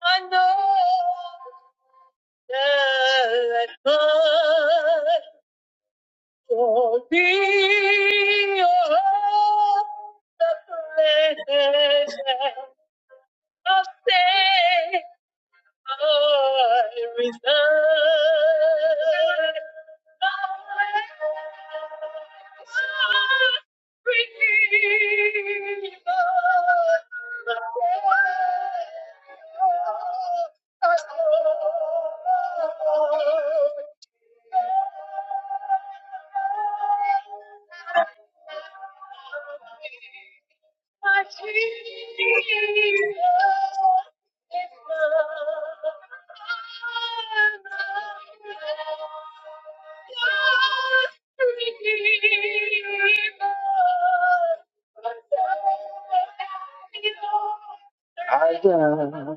I know that God will be all the blessed of I resign. My Jesus. I am.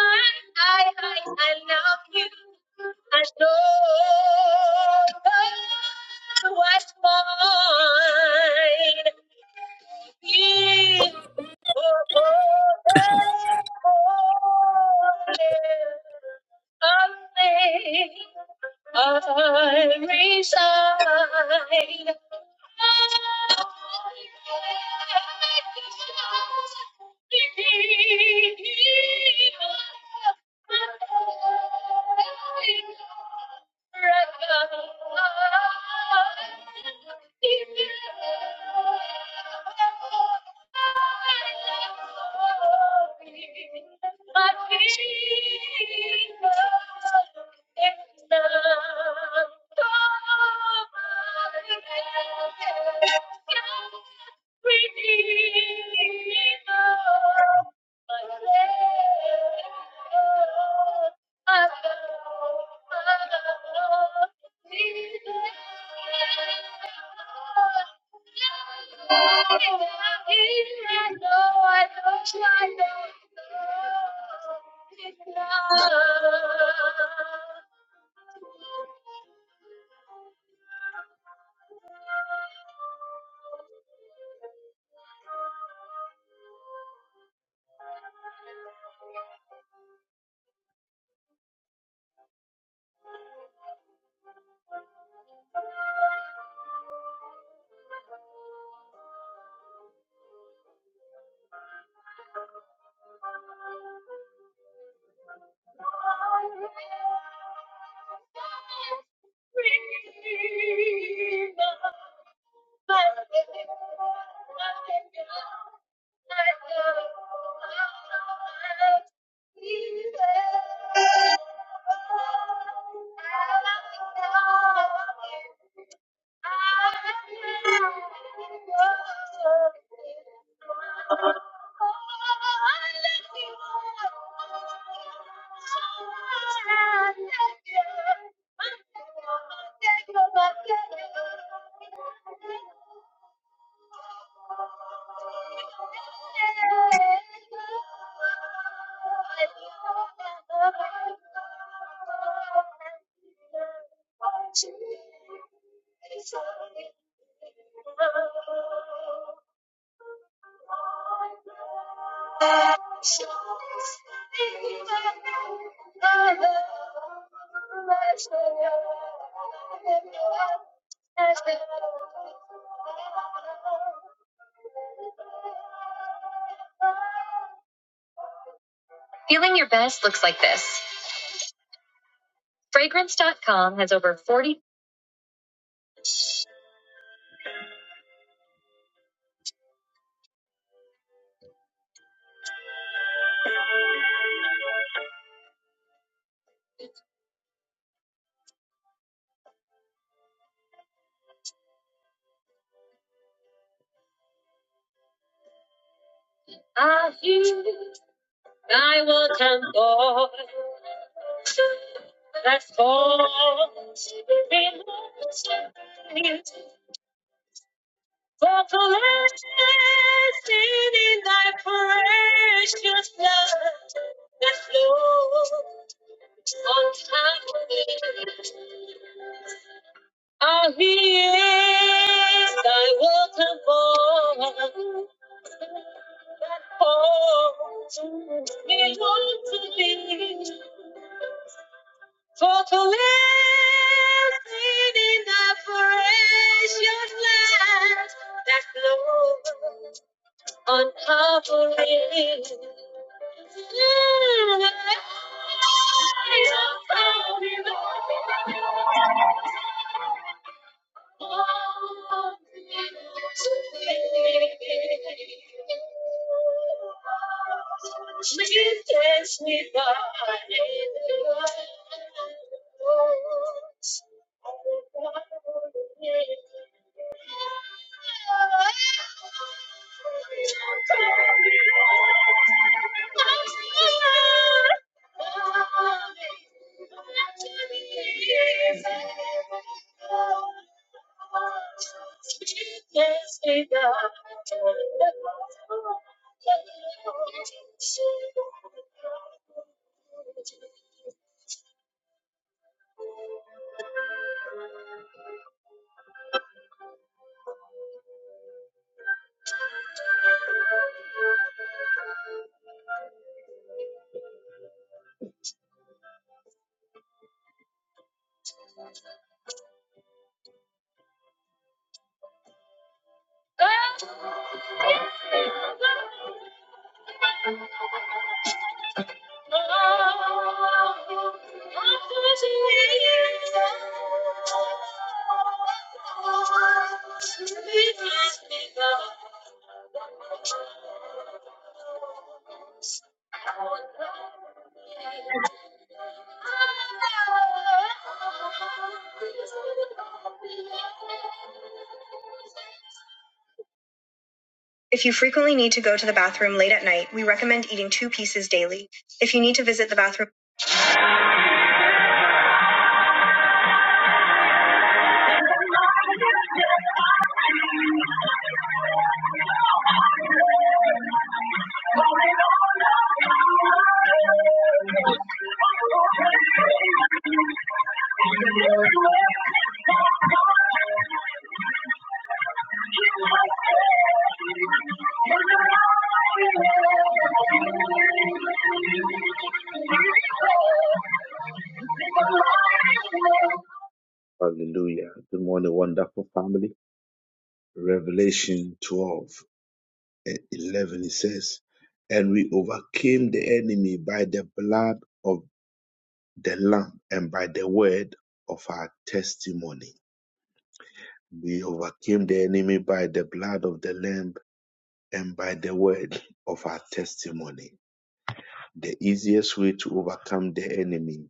I, I, I love you. I know what's mine. You I resign. Redeemer, my Savior. Thank you. Thank you. Thank you. Feeling your best looks like this. Fragrance. dot Com has over 40. on time. Ah, he is thy welcome home. Home belongs to thee. For to live in the precious land that flows. uncovering. Light of power. Thank you. If you frequently need to go to the bathroom late at night, we recommend eating two pieces daily. If you need to visit the bathroom, Hallelujah. Good morning, wonderful family. Revelation 12 and 11, it says, And we overcame the enemy by the blood of the Lamb and by the word of our testimony. We overcame the enemy by the blood of the Lamb and by the word of our testimony. The easiest way to overcome the enemy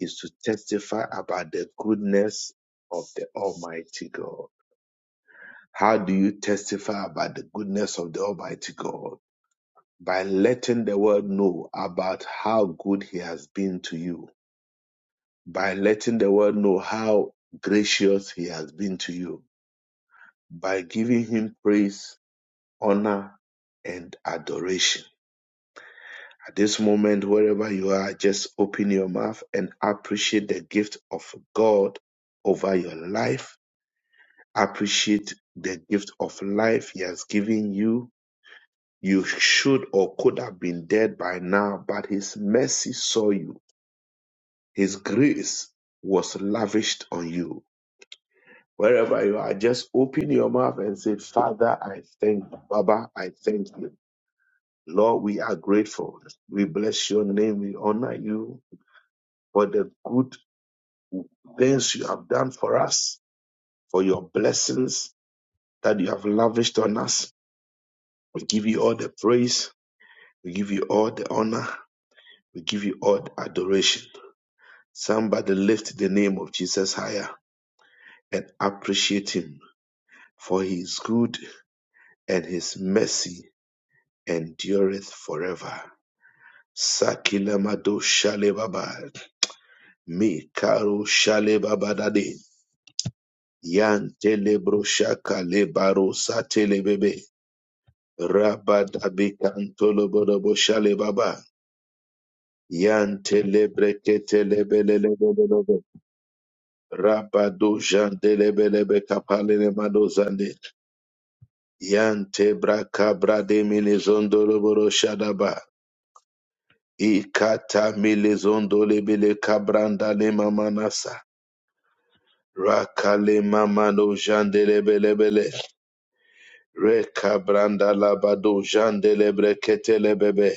is to testify about the goodness of the Almighty God. How do you testify about the goodness of the Almighty God? by letting the world know about how good he has been to you, by letting the world know how gracious he has been to you, by giving him praise, honor, and adoration. At this moment, wherever you are, just open your mouth and appreciate the gift of God over your life. Appreciate the gift of life he has given you. You should or could have been dead by now, but his mercy saw you His grace was lavished on you. Wherever you are, just open your mouth and say, Father, I thank you. Baba, I thank you. Lord, we are grateful. We bless your name. We honor you for the good things you have done for us, for your blessings that you have lavished on us. We give you all the praise. We give you all the honor. We give you all the adoration. Somebody lift the name of Jesus higher and appreciate him for he is good and his mercy endureth forever. Sakilamado shalebaba, mi karo shalebabadade, yan telebro shaka lebaro satelebebe, rabadabi kantolobodobo shalebaba, yan telebreke telebelelebelebe, rabado jandelebelebe kapalelemado zande, yan tebra kabra de minizondoloboro shadaba, Ikata melezondo lebele kabranda le mamanasa. Rakale mamano jande lebelebele. Reka branda labado jande lebrekete lebebe.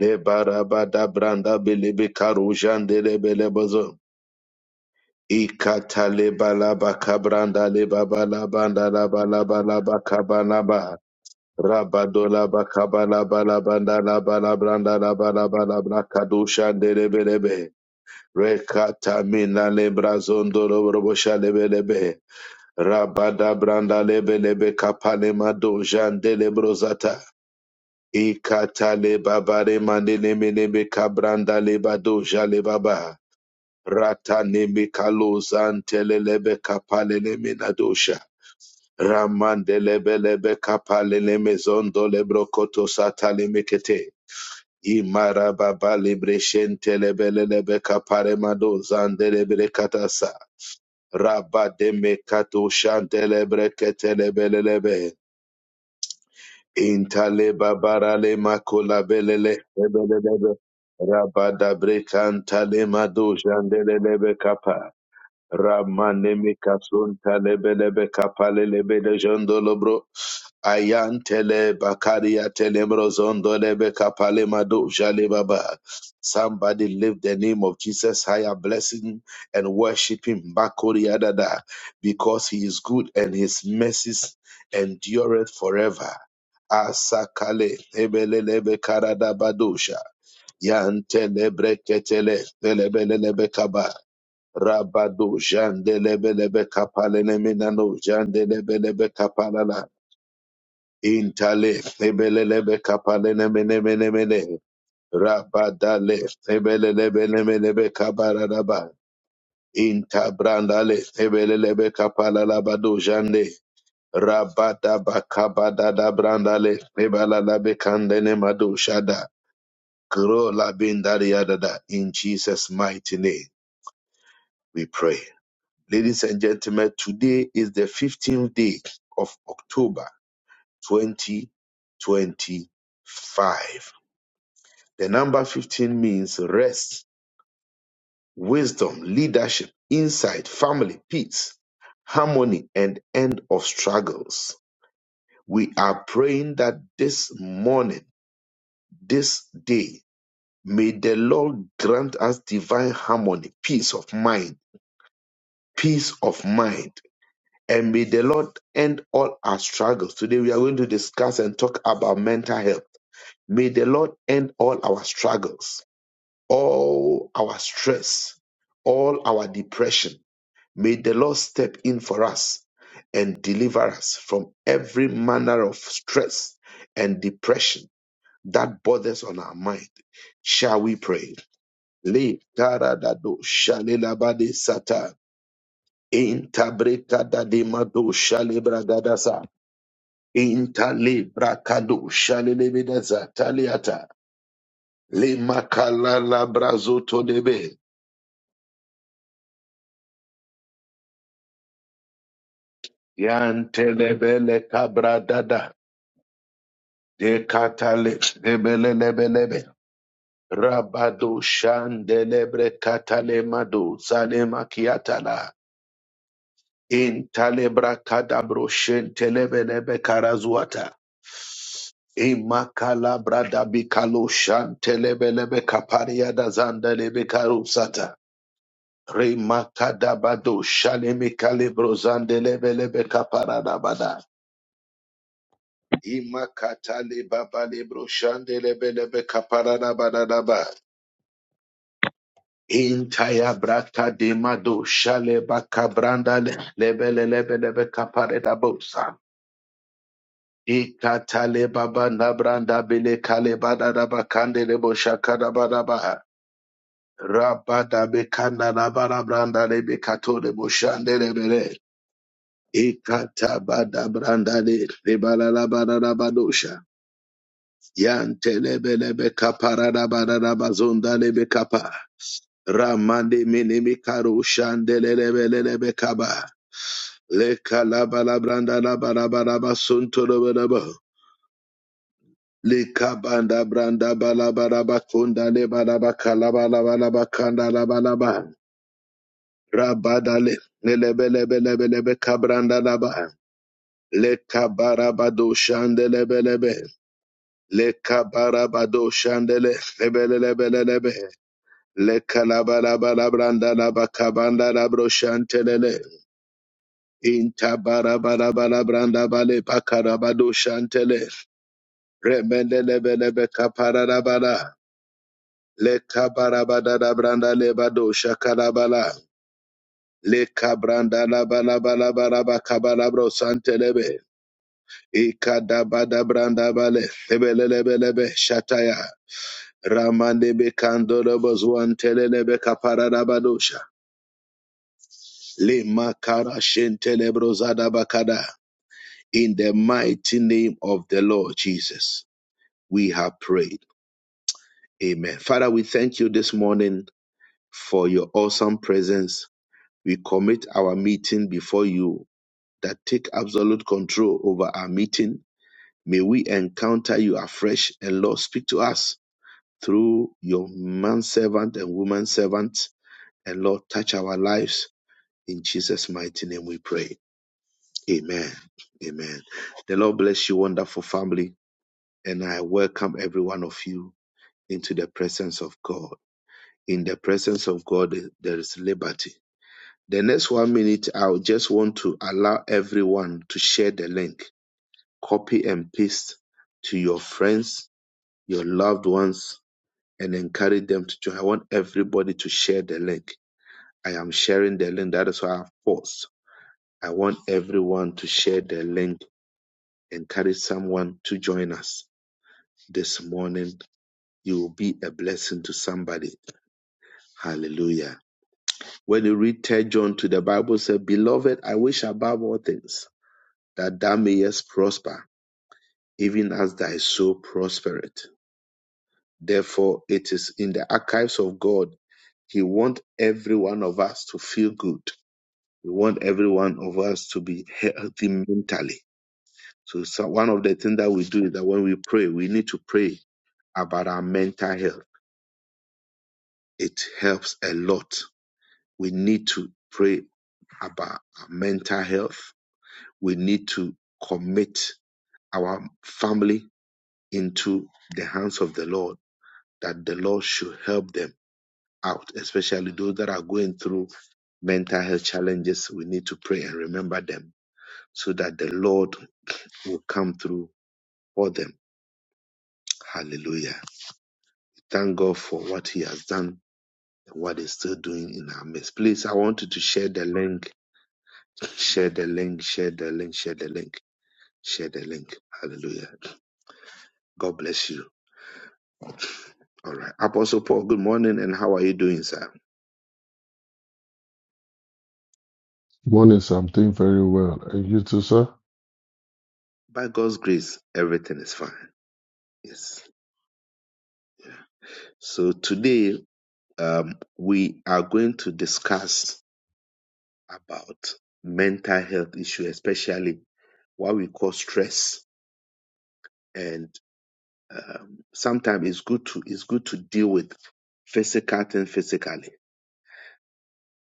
Le barabada branda belebe karu jande lebelebozo. Ikata lebalaba kabranda lebabalabanda labalabalaba kabalaba. Rabadola bakabala bala banda la bala branda la bakabala balabanda la bala braka shandele de Rekata mina lebra zondo robo lebelebe. Rabada branda lebelebe kapane mado jande lebrozata. Ikata le babare manene menebe kabranda lebado jale baba. Rata nemi kalozante lelebe kapale le minadosha. Ramande lebelebe kapale le mezondo lebrokoto sata mekete. Imara baba lebre shente lebelebe kapare mado zande lebre katasa. Rabba de mekato shantele breketele belelebe. Intale babarale makola belele belelebe. Rabba da brekantale mado jandelelebe kapa. Ramanemi kasun talebelebe kapalelebe de jondolobro. Ayantele bakaria telebro zondolebe kapale madu jale baba. Somebody lift the name of Jesus higher blessing and worship him bakoria dada because he is good and his mercies endureth forever. Asakale ebelelebe karadabadosha. Yantele breketele telebelelebe kaba. Rabado Jandelebelebe Kapalene minano, Jandelebelebe Kapalala Intale Ebelelebe Kapalenemenemenemene Rabadale Ebelelebelemelebe Kabaraba Intabrandale Ebelelebe Kapalalabado Jande Rabadaba Kabadada Brandale Ebalalabe Kandene Mado Shada Krola Bindariadada in Jesus' mighty name we pray. Ladies and gentlemen, today is the 15th day of October 2025. The number 15 means rest, wisdom, leadership, insight, family, peace, harmony, and end of struggles. We are praying that this morning, this day, may the Lord grant us divine harmony, peace of mind, peace of mind and may the Lord end all our struggles. Today we are going to discuss and talk about mental health. May the Lord end all our struggles, all our stress, all our depression. May the Lord step in for us and deliver us from every manner of stress and depression that bothers on our mind. Shall we pray? Le taradado shalelabade sata intabrekadademado shalebragadasa. Intali brakado shalelebeda zataliata. Le makala la brazoto debe. Yantelebele kabradada. De katale debelelebelebe. Rabado shandelebre katalemado zalemakiatala. Intale brakadabro shentelebelebe karazuata. Imakala bradabikalo shantelebelebe kapariada zandalebe karusata. Remakadabado shalemikalebrozande lebelebe kaparadabada. Imakatale babalebro shandelebelebe kaparadabadadaba. Intaya braka demado shale bakabranda le- lebelelebelebe kaparadabosa. Ikatale baba nabranda bele kale badadaba kandelebo shakadabadaba. Rabada bekanda nabara branda lebe katole boshande lebele. Ikatabadabrandade lebalalabarabadosha. Yantelebelebe kaparadabadabazondalebe kapa. Ramande minimi karushandelelebelelebe kaba. Lekalabalabrandanabarabarabasuntolobelebo. Likabandabrandabalabarabakondalebalabakalabalabalabakandalabalaba. Rabadale lelebelebelebelebe kabrandalaba. Lekabarabadoshandelebelebe. Le Lekabarabado shandele lebelelebelelebe. Lekalabalabalabranda labakabanda labro shantelele. branda la bakabanda la broshantelele inta barabarabala branda bale bakarabado shantele. Remendelebelebe kaparabala. Lekabarabadabranda lebado shakalabala. Lekabranda labalabalabarabakabalabro santelebe. branda bale lebelelebelebe shataya. Ramandebe kandorobozwan telelebe kaparadabadosha. Lima kara shentelebozada bakada. In the mighty name of the Lord Jesus, we have prayed. Amen. Father, we thank you this morning for your awesome presence. We commit our meeting before you that take absolute control over our meeting. May we encounter you afresh and Lord, speak to us through your man servant and woman servant. And Lord, touch our lives In Jesus' mighty name we pray. Amen. Amen. The Lord bless you, wonderful family. And I welcome every one of you into the presence of God. In the presence of God, there is liberty. The next one minute, I will just want to allow everyone to share the link, copy and paste to your friends, your loved ones, and encourage them to join. I want everybody to share the link. I am sharing the link. That is why I've paused. I want everyone to share the link Encourage someone to join us this morning. You will be a blessing to somebody. Hallelujah. When you read 3 John to the Bible says, Beloved, I wish above all things that thou mayest prosper, even as thy soul prospereth. Therefore, it is in the archives of God. He wants every one of us to feel good. He want every one of us to be healthy mentally. So, so one of the things that we do is that when we pray, we need to pray about our mental health it helps a lot. We need to pray about our mental health. We need to commit our family into the hands of the Lord, that the Lord should help them out, especially those that are going through mental health challenges. We need to pray and remember them so that the Lord will come through for them. Hallelujah. Thank God for what He has done and what He's still doing in our midst. Please, I want you to share the link Share the link, share the link, share the link, share the link. Hallelujah. God bless you. All right. Apostle Paul, good morning and how are you doing, sir? Morning, Sam. Doing very well. And you too, sir? By God's grace, everything is fine. Yes. So today, um, we are going to discuss about mental health issue, especially what we call stress. And um, sometimes it's good to it's good to deal with physical thing physically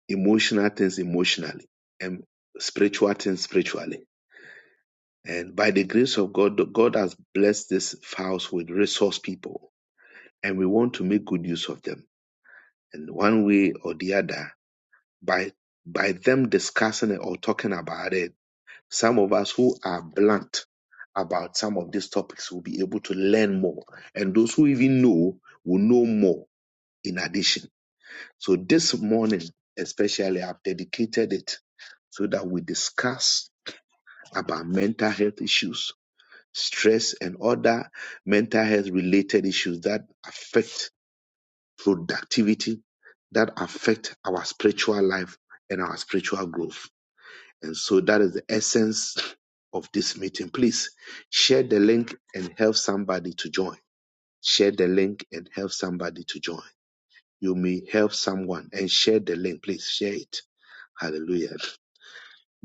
emotional things emotionally and spiritual things spiritually. And by the grace of God, God has blessed this house with resource people, and we want to make good use of them. And one way or the other, by by them discussing it or talking about it, some of us who are blunt about some of these topics will be able to learn more, and those who even know will know more in addition. So this morning, especially, I've dedicated it so that we discuss about mental health issues, stress, and other mental health related issues that affect productivity, that affect our spiritual life and our spiritual growth. And so that is the essence of this meeting. Please share the link and help somebody to join. Share the link and help somebody to join. You may help someone and share the link. Please share it Hallelujah.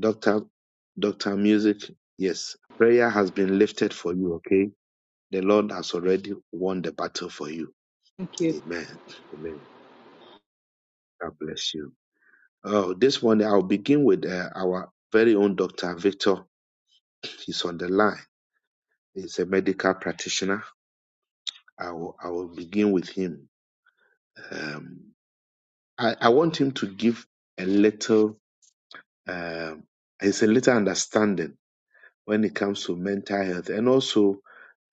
Doctor, Doctor Music, yes, prayer has been lifted for you, okay? The Lord has already won the battle for you. Thank you. Amen. Amen. God bless you. Oh, this one, I'll begin with uh, our very own Dr. Victor. He's on the line. He's a medical practitioner. I will, I will begin with him. Um, I, I want him to give a little, um, it's a little understanding when it comes to mental health and also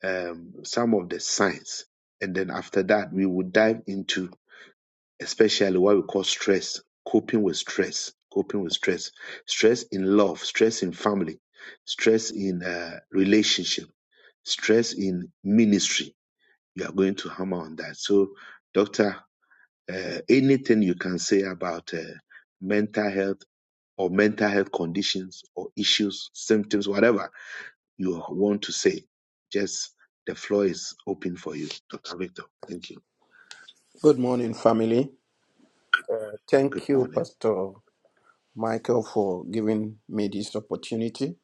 um, some of the signs. And then after that, we will dive into especially what we call stress, coping with stress, coping with stress, stress in love, stress in family, stress in uh, relationship, stress in ministry. You are going to hammer on that. So, doctor, uh, anything you can say about uh, mental health or mental health conditions or issues, symptoms, whatever you want to say. Just the floor is open for you, Dr. Victor. Thank you. Good morning, family. Good Thank you, morning. Pastor Michael, for giving me this opportunity.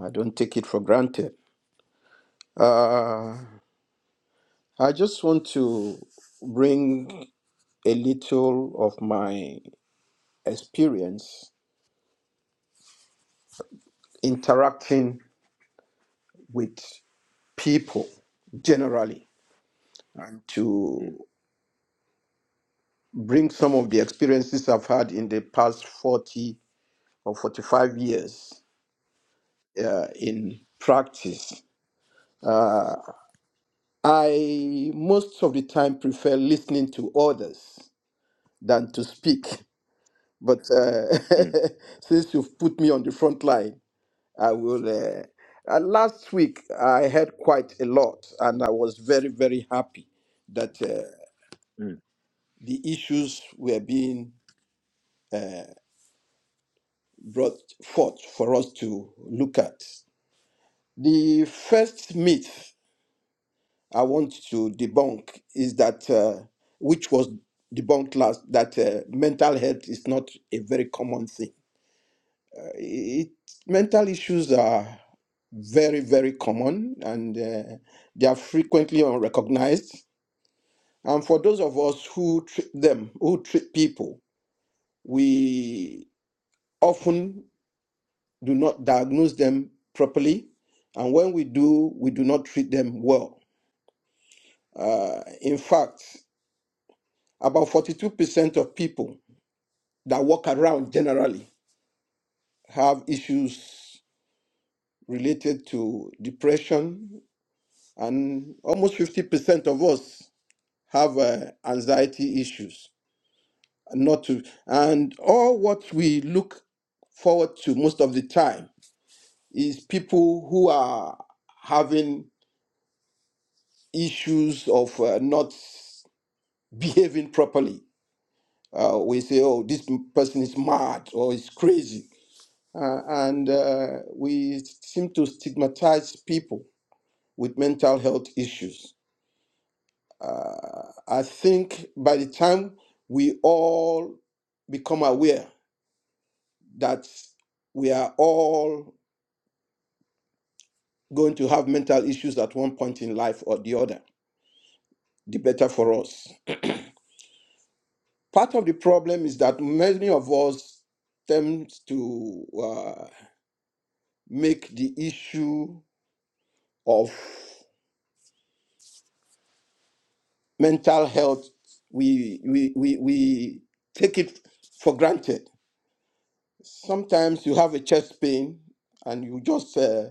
I don't take it for granted. Uh, I just want to bring a little of my experience interacting with people generally and to Mm, bring some of the experiences I've had in the past 40 or 45 years uh, mm, in practice I most of the time prefer listening to others than to speak. But uh, mm, since you've put me on the front line, I will. Uh, uh, last week, I heard quite a lot, and I was very, very happy that uh, mm. the issues were being brought forth for us to look at. The first myth I want to debunk is that, uh, which was debunked last, that uh, mental health is not a very common thing. It, mental issues are very, very common and uh, they are frequently unrecognized. And for those of us who treat them, who treat people, we often do not diagnose them properly. And when we do, we do not treat them well. Uh, in fact, about 42% of people that walk around generally have issues related to depression, and almost 50% of us have uh, anxiety issues. Not to, and all what we look forward to most of the time is people who are having issues of uh, not behaving properly. Uh, we say, oh, this person is mad or is crazy. Uh, and uh, we seem to stigmatize people with mental health issues. I think by the time we all become aware that we are all going to have mental issues at one point in life or the other, the better for us. Part of the problem is that many of us tend to uh, make the issue of mental health, we, we, we, we take it for granted Sometimes you have a chest pain and you just uh,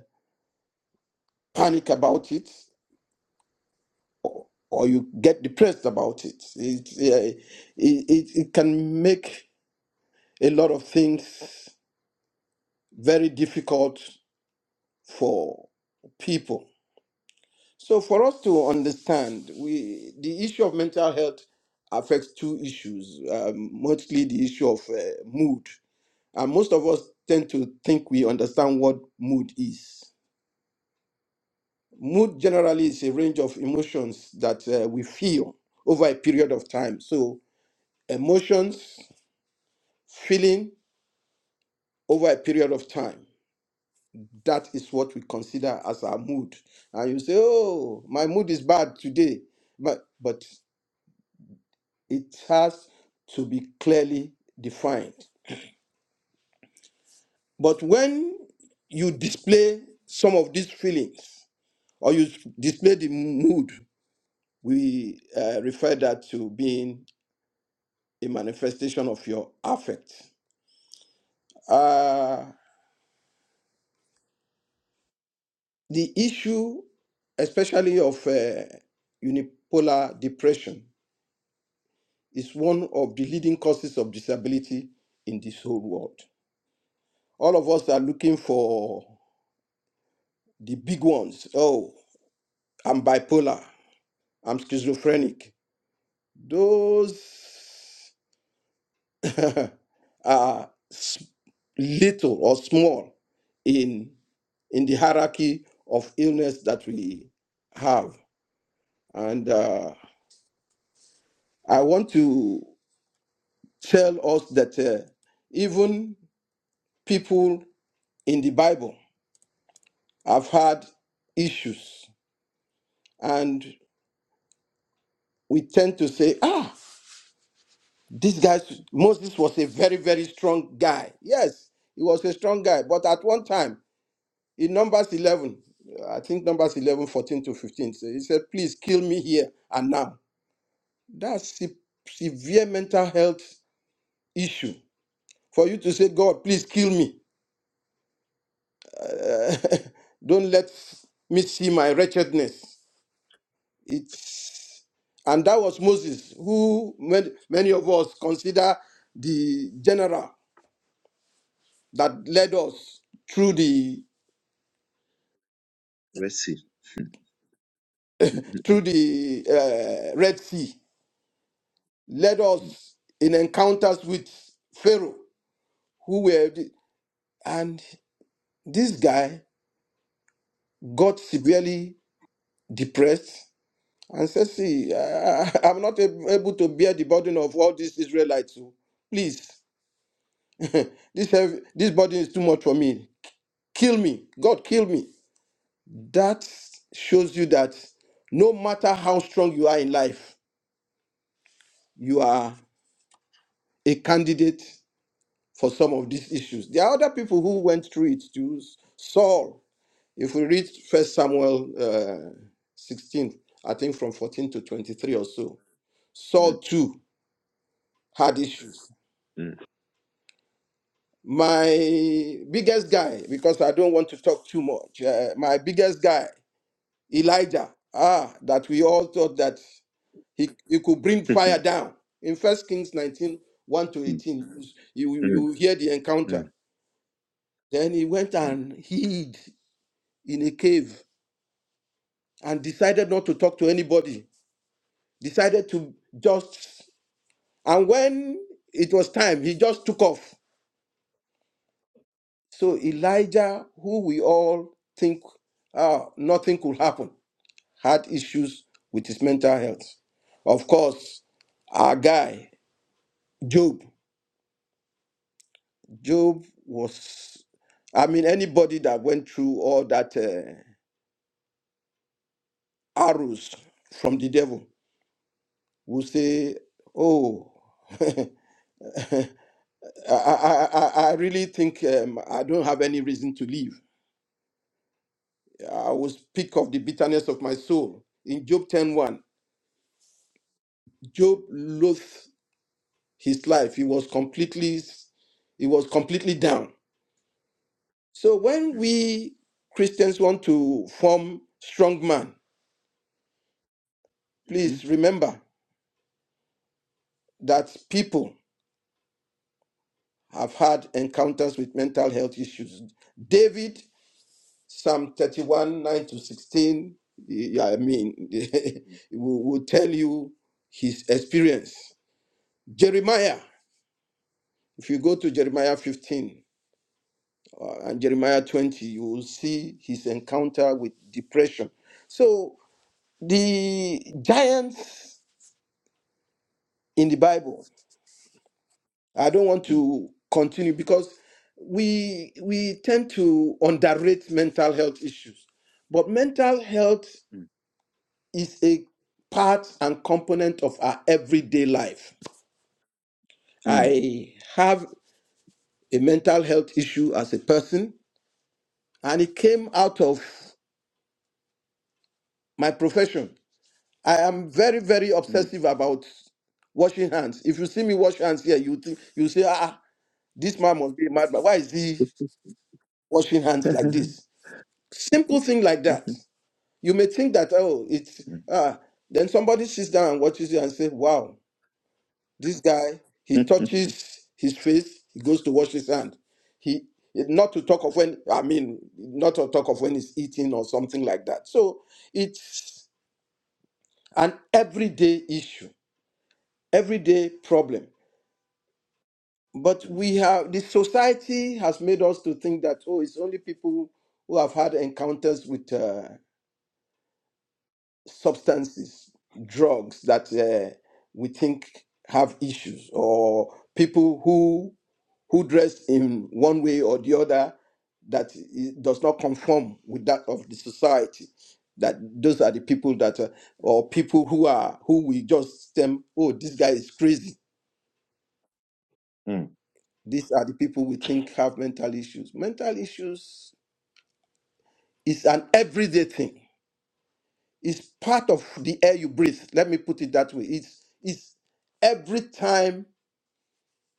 panic about it or, or you get depressed about it. It, uh, it, it. it can make a lot of things very difficult for people. So, for us to understand, we, the issue of mental health affects two issues, um, mostly the issue of uh, mood. And most of us tend to think we understand what mood is. Mood generally is a range of emotions that uh, we feel over a period of time. So, emotions, feeling over a period of time. That is what we consider as our mood. And you say, oh, my mood is bad today. But, but it has to be clearly defined. But when you display some of these feelings or you display the mood, we uh, refer that to being a manifestation of your affect. Uh, the issue, especially of uh, unipolar depression, is one of the leading causes of disability in this whole world. All of us are looking for the big ones. Oh, I'm bipolar, I'm schizophrenic. Those are little or small in in the hierarchy of illness that we have And uh, I want to tell us that uh, even people in the Bible have had issues. And we tend to say, ah, this guy, Moses was a very, very strong guy. Yes, he was a strong guy. But at one time, in Numbers 11, I think Numbers 11 14 to 15, so he said, please kill me here and now. That's se- severe mental health issue. For you to say, God, please kill me Don't let me see my wretchedness. It's and that was Moses, who many, many of us consider the general that led us through the Let's see. through the uh, Red Sea, led us in encounters with Pharaoh, who were the- and this guy got severely depressed and said, "See, I, I- I'm not ab- able to bear the burden of all these Israelites. oh. Please." This heavy, this burden is too much for me. Kill me. God, kill me. That shows you that no matter how strong you are in life, you are a candidate for some of these issues. There are other people who went through it too. Saul, if we read First Samuel uh, 16, I think from 14 to 23 or so, Mm, Saul too had issues. mm, My biggest guy, because I don't want to talk too much, uh, my biggest guy Elijah, ah, that we all thought that he, he could bring fire mm, down. In First Kings nineteen one to mm, 18, you, mm, you mm, mm, you hear the encounter. Then he went mm, and hid in a cave and decided not to talk to anybody, decided to just, and when it was time, he just took off. So Elijah, who we all think ah, nothing could happen, had issues with his mental health. Of course, our guy. Job. Job was, I mean, anybody that went through all that uh, arrows from the devil will say, "Oh, I, I, I I really think um, I don't have any reason to live. I will speak of the bitterness of my soul." In Job ten one, Job loathed his life. He was completely, he was completely down. So when we Christians want to form strong man, mhm, mm, mm, please mm, remember that people have had encounters with mental health issues. David, Psalm 31, 9 to 16, yeah, I mean, will, will tell you his experience. Jeremiah, if you go to Jeremiah 15 uh, and Jeremiah 20, you will see his encounter with depression. So the giants in the Bible I don't want mm, to continue because we we tend to underrate mental health issues. But mental health is a part and component of our everyday life. I have a mental health issue as a person and it came out of my profession. I am very very obsessive about washing hands. If you see me wash hands here, you think you say, ah, this man must be a madman. Why is he washing hands like mm, this? Simple thing like that. You may think that, oh, it's ah, then somebody sits down and watches you and say, Wow, this guy, mm. mm, mm, he mm, touches his face, he goes to wash his hand. He not to talk of when I mean not to talk of when he's eating or something like that. So it's an everyday issue, everyday problem. But we have the society has made us to think that oh, it's only people who have had encounters with uh, substances, drugs that uh, we think have issues, or people who who dress in one way or the other that i- does not conform with that of the society. That those are the people that, uh, or people who are who we just stem. Oh, this guy is crazy. These are the people we think have mental issues. Mental issues is an everyday thing It's part of the air you breathe. Let me put it that way. It's, it's every time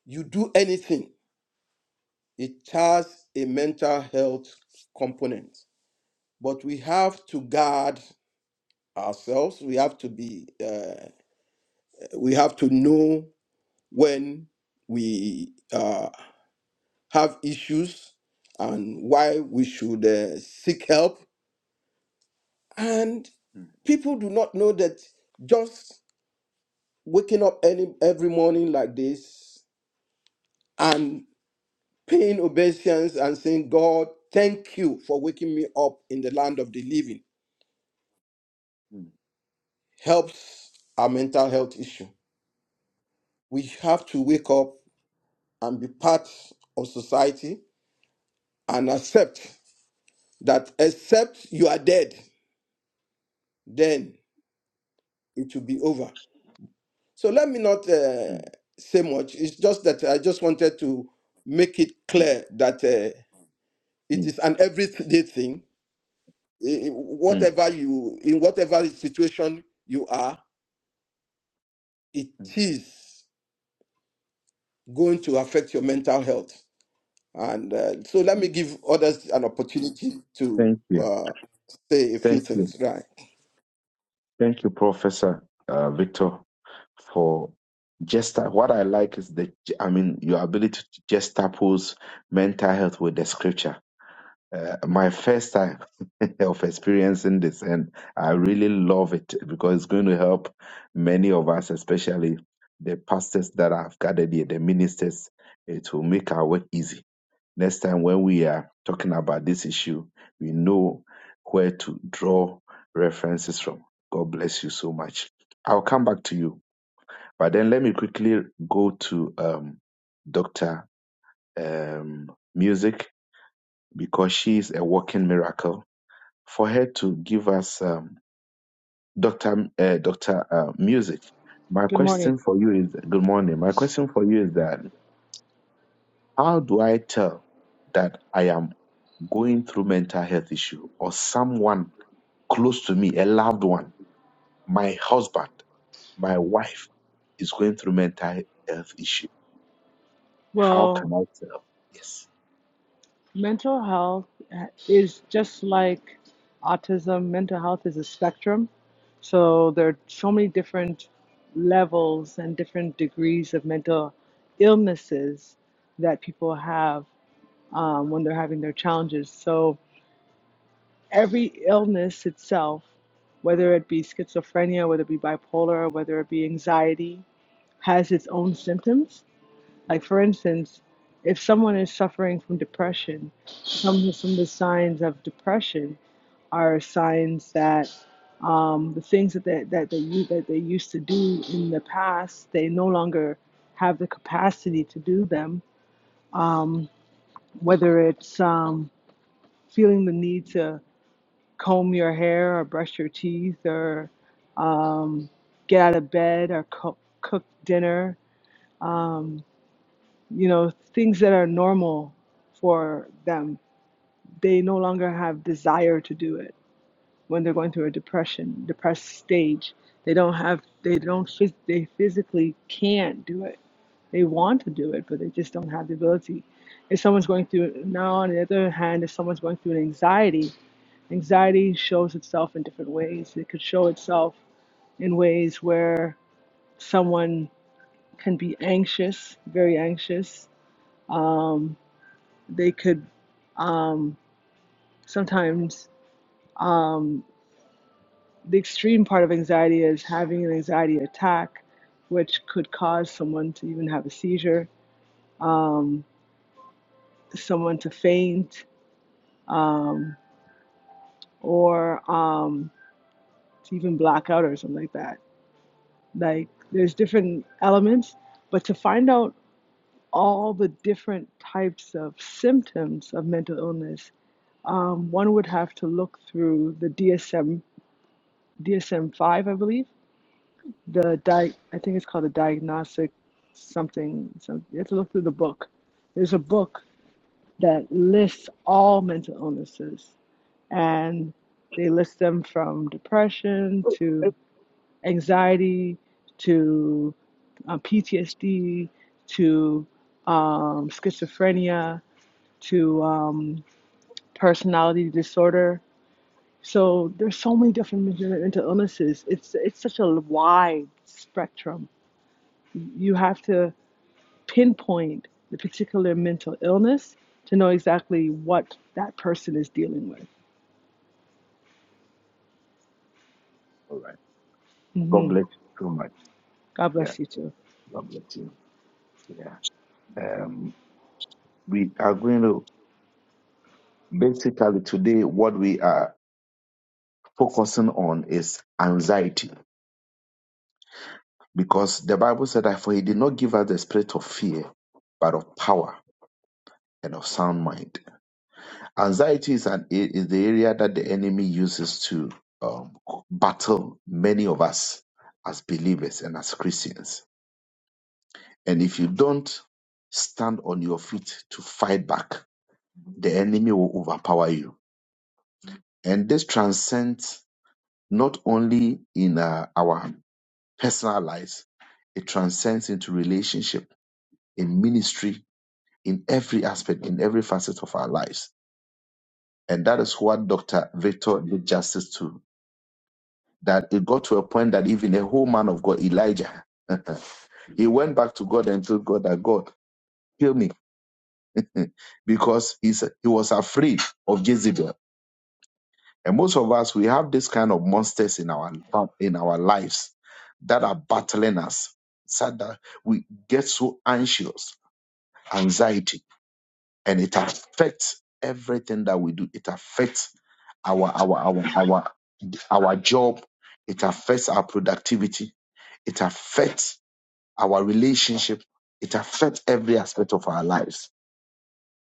you do anything, it has a mental health component. But we have to guard ourselves. We have to be, uh, we have to know when we uh, have issues and why we should uh, seek help. And people do not know that just waking up any every morning like this and paying obeisance and saying, God, thank you for waking me up in the land of the living helps our mental health issue. We have to wake up and be part of society and accept that except you are dead, then it will be over. So let me not uh, mm, say much. It's just that I just wanted to make it clear that uh, it is an everyday thing. I- i- mm, mm, Whatever you, in whatever situation you are, it mm. is going to affect your mental health. And uh, so let me give others an opportunity to Thank you. uh, say a few Thank you. things, right? Thank you, Professor uh, Victor. for gesta what i like is the i mean your ability to juxtapose mental health with the scripture uh, my first time of experiencing this and i really love it because it's going to help many of us especially the pastors that i've gathered here the ministers it will make our work easy next time when we are talking about this issue we know where to draw references from god bless you so much i'll come back to you but then let me quickly go to um, Dr. Um, Music because she is a walking miracle. For her to give us um, Dr. Uh, Dr. Uh, Music, my Good morning. question for you is good morning. My question for you is that how do I tell that I am going through mental health issue or someone close to me, a loved one, my husband, my wife is going through mental health issue? How Well, can I tell? Yes. mental health is just like autism. Mental health is a spectrum. So there are so many different levels and different degrees of mental illnesses that people have um, when they're having their challenges. So every illness itself, whether it be schizophrenia, whether it be bipolar, whether it be anxiety, has its own symptoms Like, for instance, if someone is suffering from depression, some some of the signs of depression are signs that um, the things that they, that they u- that they used to do in the past, they no longer have the capacity to do them. Um, whether it's um, feeling the need to comb your hair or brush your teeth or get out of bed or co- cook dinner, you know, things that are normal for them they no longer have desire to do it when they're going through a depression depressed stage they don't have they don't phys- they physically can't do it they want to do it but they just don't have the ability if someone's going through now on the other hand if someone's going through an anxiety anxiety shows itself in different ways it could show itself in ways where someone can be anxious very anxious they could sometimes the extreme part of anxiety is having an anxiety attack, which could cause someone to even have a seizure, um, someone to faint, um, or um, to even black out or something like that. Like there's different elements, but to find out all the different types of symptoms of mental illness, um, one would have to look through the DSM DSM five, I believe the di- I think it's called the diagnostic something. So you have to look through the book. There's a book that lists all mental illnesses, and they list them from depression to anxiety to uh, PTSD to um, schizophrenia to um, personality disorder. So there's so many different mental mental illnesses. It's it's such a wide spectrum. You have to pinpoint the particular mental illness to know exactly what that person is dealing with. All right. God hmm bless you so much. God Yeah, bless you too. God bless you. Yeah. Um, we are going to basically today what we are focusing on is anxiety because the Bible said that for he did not give us the spirit of fear, but of power and of sound mind. Anxiety is an is the area that the enemy uses to um, battle many of us as believers and as Christians. And if you don't stand on your feet to fight back, the enemy will overpower you. And this transcends not only in uh, our personal lives, it transcends into relationship, in ministry, in every aspect, in every facet of our lives. And that is what Dr. Victor did justice to. That it got to a point that even a whole man of God, Elijah, he went back to God and told God that God, heal me because he's, he was afraid of Jezebel. And most of us, we have this kind of monsters in our in our lives that are battling us. So that we get so anxious, anxiety, and it affects everything that we do. It affects our our our our our job. It affects our productivity. It affects our relationship. It affects every aspect of our lives.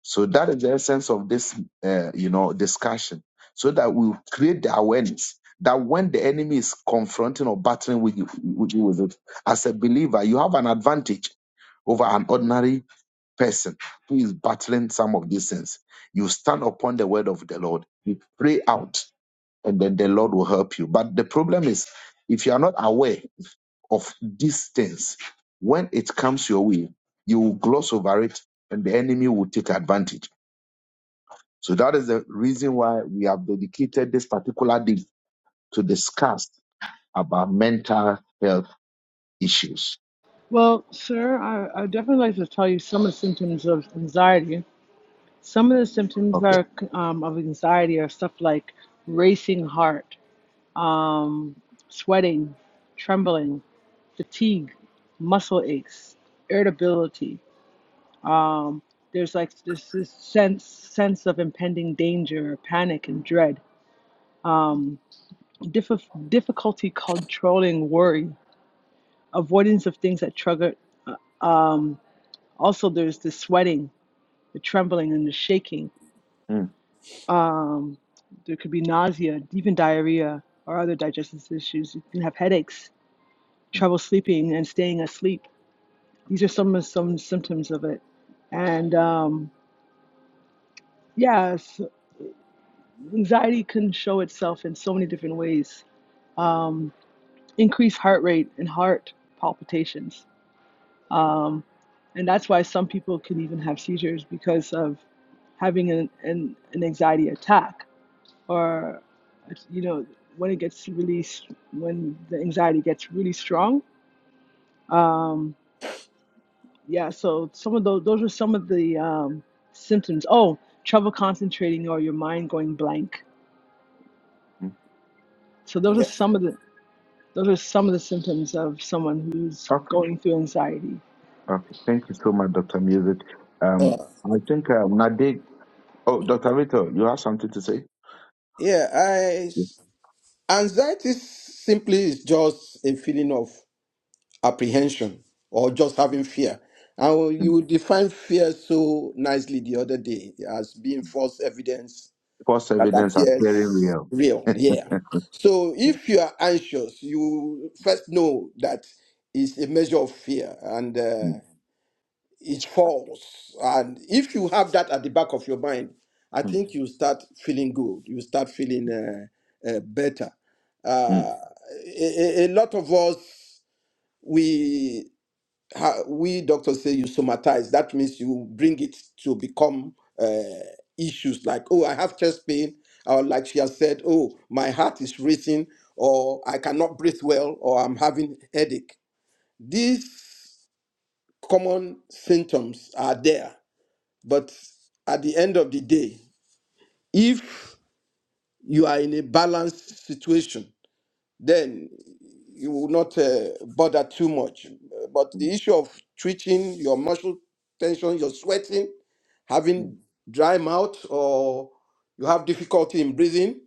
So that is the essence of this, uh, you know, discussion, so that we create the awareness that when the enemy is confronting or battling with you, with you with it, as a believer, you have an advantage over an ordinary person who is battling some of these things. You stand upon the word of the Lord, you pray out, and then the Lord will help you. But the problem is, if you are not aware of these things, when it comes your way, you will gloss over it, and the enemy will take advantage. So that is the reason why we have dedicated this particular day to discuss about mental health issues. Well, sir, I, I definitely like to tell you some of the symptoms of anxiety. Some of the symptoms Okay. are um, of anxiety are stuff like racing heart, um, sweating, trembling, fatigue, muscle aches, irritability. Um, there's like this, this sense sense of impending danger, panic, and dread Dif- difficulty controlling worry, avoidance of things that trigger. Um, also, there's the sweating, the trembling, and the shaking. Mm, Um, there could be nausea, even diarrhea, or other digestive issues. You can have headaches, mm, trouble sleeping, and staying asleep. These are some of some symptoms of it. And um, yes, yeah, so anxiety can show itself in so many different ways. Um, increased heart rate and heart palpitations Um, and that's why some people can even have seizures because of having an, an, an anxiety attack or you know when it gets really when the anxiety gets really strong um, yeah so some of those those are some of the um, symptoms oh trouble concentrating or your mind going blank mm. so those are Yeah. some of the those are some of the symptoms of someone who's Okay. going through anxiety Okay. Thank you so much, Dr. Music. Um, Uh, I think uh, Nade, oh, Dr. Vito, you have something to say? yeah, I, Yes. anxiety simply is just a feeling of apprehension or just having fear. And Mm. you defined fear so nicely the other day as being false evidence False that evidence appearing appears real. real. Yeah. So if you are anxious, you first know that it's a measure of fear and uh, Mm, it's false. And if you have that at the back of your mind, I mm, think you start feeling good. You start feeling uh, uh, better. mm, Uh, a, a a lot of us we ha- we doctors say you somatize. That means you bring it to become uh, issues like, oh, I have chest pain, or like she has said, oh, my heart is racing, or I cannot breathe well, or I'm having headache. These common symptoms are there, but at the end of the day, if you are in a balanced situation then you will not uh, bother too much. But the issue of twitching, your muscle tension, you're sweating, mm, having dry mouth, or you have difficulty in breathing,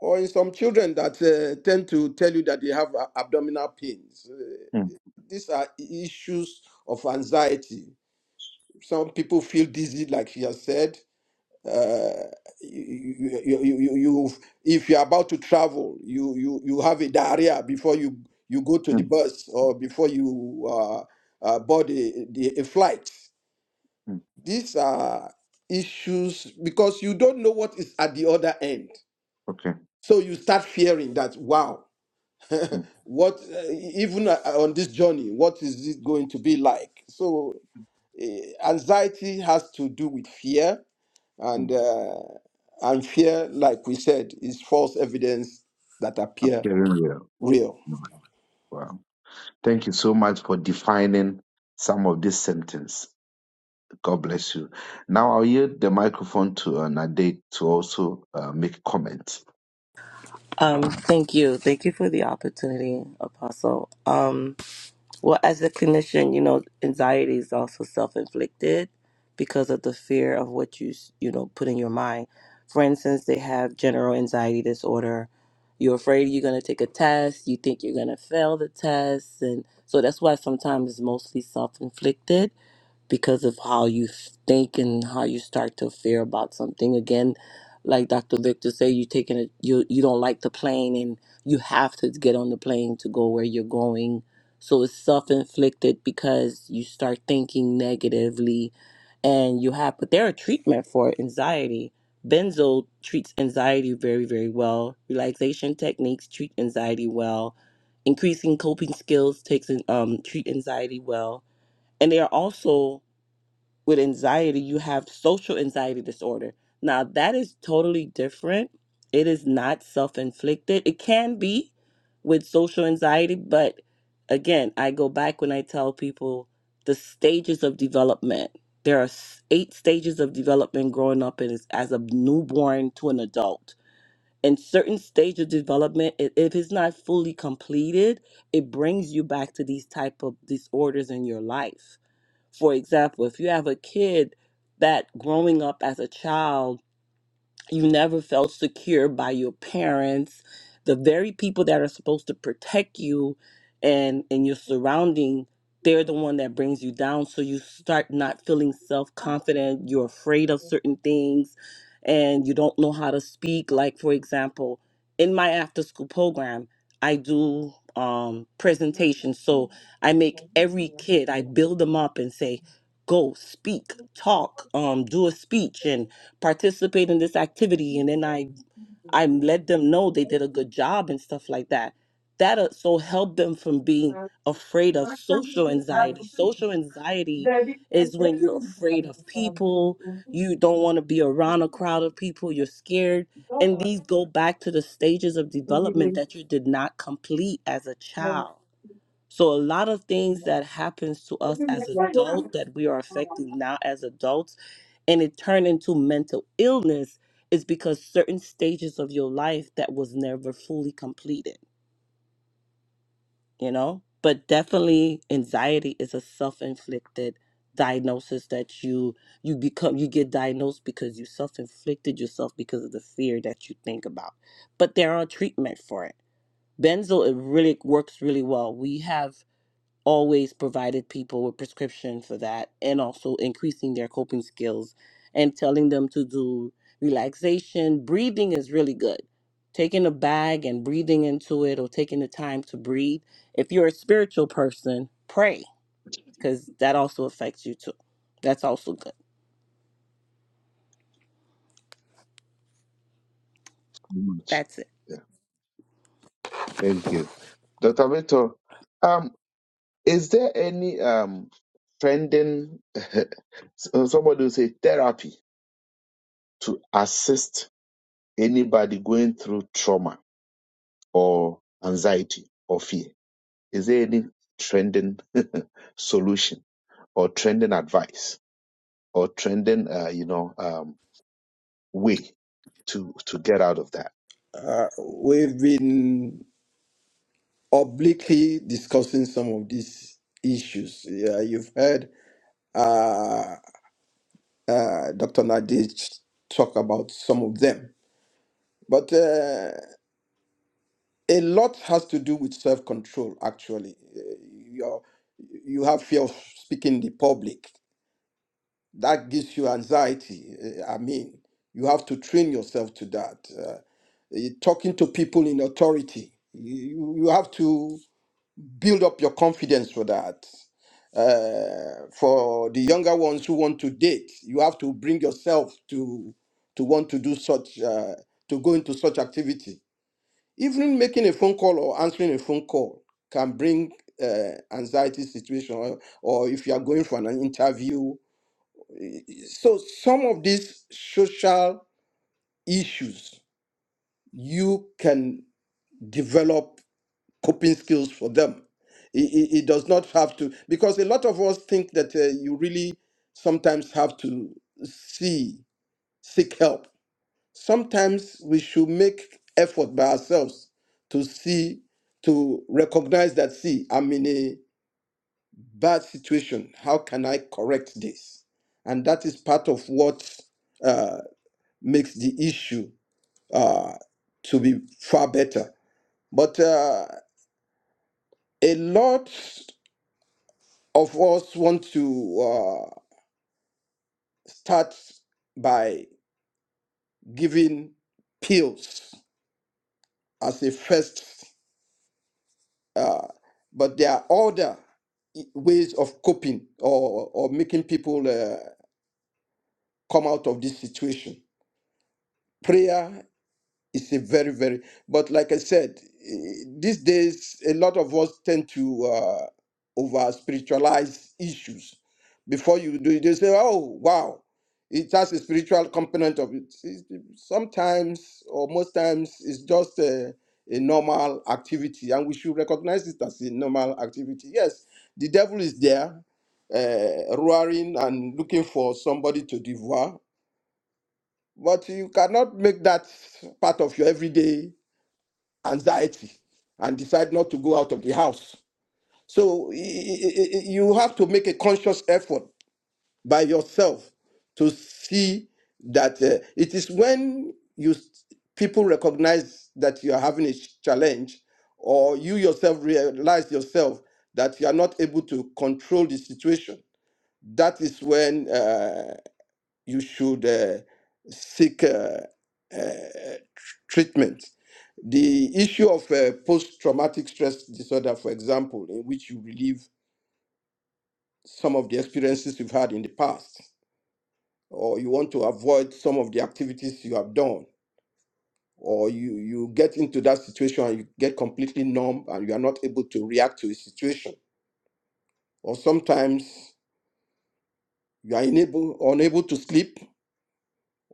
or in some children that uh, tend to tell you that they have a- abdominal pains. Uh, mm, these are issues of anxiety. Some people feel dizzy, like she has said uh, you, you, you, you, you, if you're about to travel, you, you, you have a diarrhea before you, you go to the mm, bus or before you uh, uh, board a, the, a flight. mm. These are issues because you don't know what is at the other end. okay. So you start fearing that, wow, Mm, what, uh, even uh, on this journey, what is it going to be like? So uh, anxiety has to do with fear mm. and uh, and fear, like we said, is false evidence that appear Appearing real. real. Mm. Wow. Thank you so much for defining some of these symptoms God bless you. Now I'll yield the microphone to uh, Nadate to also uh, make comments. Um, thank you. Thank you for the opportunity, Apostle. Um, well, as a clinician, you know, anxiety is also self-inflicted because of the fear of what you, s- you know, put in your mind. For instance, they have general anxiety disorder. You're afraid you're going to take a test. You think you're going to fail the test. And so that's why sometimes it's mostly self-inflicted because of how you think and how you start to fear about something again like dr victor say you taking a you you don't like the plane and you have to get on the plane to go where you're going so it's self-inflicted because you start thinking negatively and you have but there are treatment for anxiety benzo treats anxiety very very well relaxation techniques treat anxiety well increasing coping skills takes an- um treat anxiety well and they are also with anxiety, you have social anxiety disorder. Now, that is totally different. It is not self inflicted. It can be with social anxiety, but again, I go back when I tell people the stages of development. There are s- eight stages of development growing up as, as a newborn to an adult. In certain stage of development, i- if it's not fully completed, it brings you back to these type of disorders in your life for example, if you have a kid that growing up as a child you never felt secure by your parents the very people that are supposed to protect you and and your surrounding they're the one that brings you down so you start not feeling self-confident you're afraid of certain things and you don't know how to speak like for example in my after school program i do um presentations so i make every kid i build them up and say go speak talk um do a speech and participate in this activity and then i i let them know they did a good job and stuff like that that uh, so help them from being afraid of social anxiety social anxiety is when you're afraid of people you don't want to be around a crowd of people you're scared and these go back to the stages of development that you did not complete as a child so a lot of things that happens to us as adult that we are affecting now as adults and it turned into mental illness is because certain stages of your life that was never fully completed, you know? But definitely anxiety is a self-inflicted diagnosis that you you become you get diagnosed because you self-inflicted yourself because of the fear that you think about. But there are treatment for it. Benzo it really works really well. We have always provided people with prescription for that and also increasing their coping skills and telling them to do relaxation breathing is really good taking a bag and breathing into it or taking the time to breathe if you're a spiritual person pray because that also affects you too that's also good Much. that's it Yeah, thank you. Dr. Vito, um, is there any um, trending, so- somebody will say therapy to assist anybody going through trauma or anxiety or fear? Is there any trending solution or trending advice or trending, uh, you know, um, way to to get out of that? Uh, Yeah. we've been obliquely discussing some of these issues. Yeah, you've heard uh, uh, Dr. Nadej talk about some of them, but uh, a lot has to do with self-control. Actually, Uh, you're, you have fear of speaking in the public that gives you anxiety. eh, I mean, you have to train yourself to that. Uh, eh, talking to people in authority, you, you you have to build up your confidence for that. Uh, for the younger ones who want to date, you have to bring yourself to to want to do such uh, to go into such activity. Even making a phone call or answering a phone call can bring uh, anxiety situation, or, or if you are going for an interview so some of these social issues, you can develop coping skills for them. It, it- it does not have to because a lot of us think that uh, you really sometimes have to see seek help. Sometimes we should make effort by ourselves to see to recognize that see I'm in a bad situation. How can I correct this? And that is part of what uh, makes the issue uh, to be far better. But uh, a lot of us want to uh, start by giving pills as a first, uh, but there are other i- ways of coping or, or making people uh, come out of this situation. Prayer It's a very, very, but like I said, eh, these days, a lot of us tend to uh, over spiritualize issues. Before you do it, they say, oh, wow, it has a spiritual component of it. It's- Sometimes, or most times, it's just a, a normal activity, and we should recognize it as a normal activity. Yes, the devil is there, uh, roaring and looking for somebody to devour, but you cannot make that part of your everyday anxiety and decide not to go out of the house. So you have to make a conscious effort by yourself to see that uh, it is when you people recognize that you are having a challenge or you yourself realize yourself that you are not able to control the situation that is when uh, you should uh, seek uh, uh, treatment. The issue of uh, post traumatic stress disorder, for example, in which you relive some of the experiences you've had in the past, or you want to avoid some of the activities you have done, or you, you get into that situation and you get completely numb and you are not able to react to a situation, or sometimes you are unable, unable to sleep,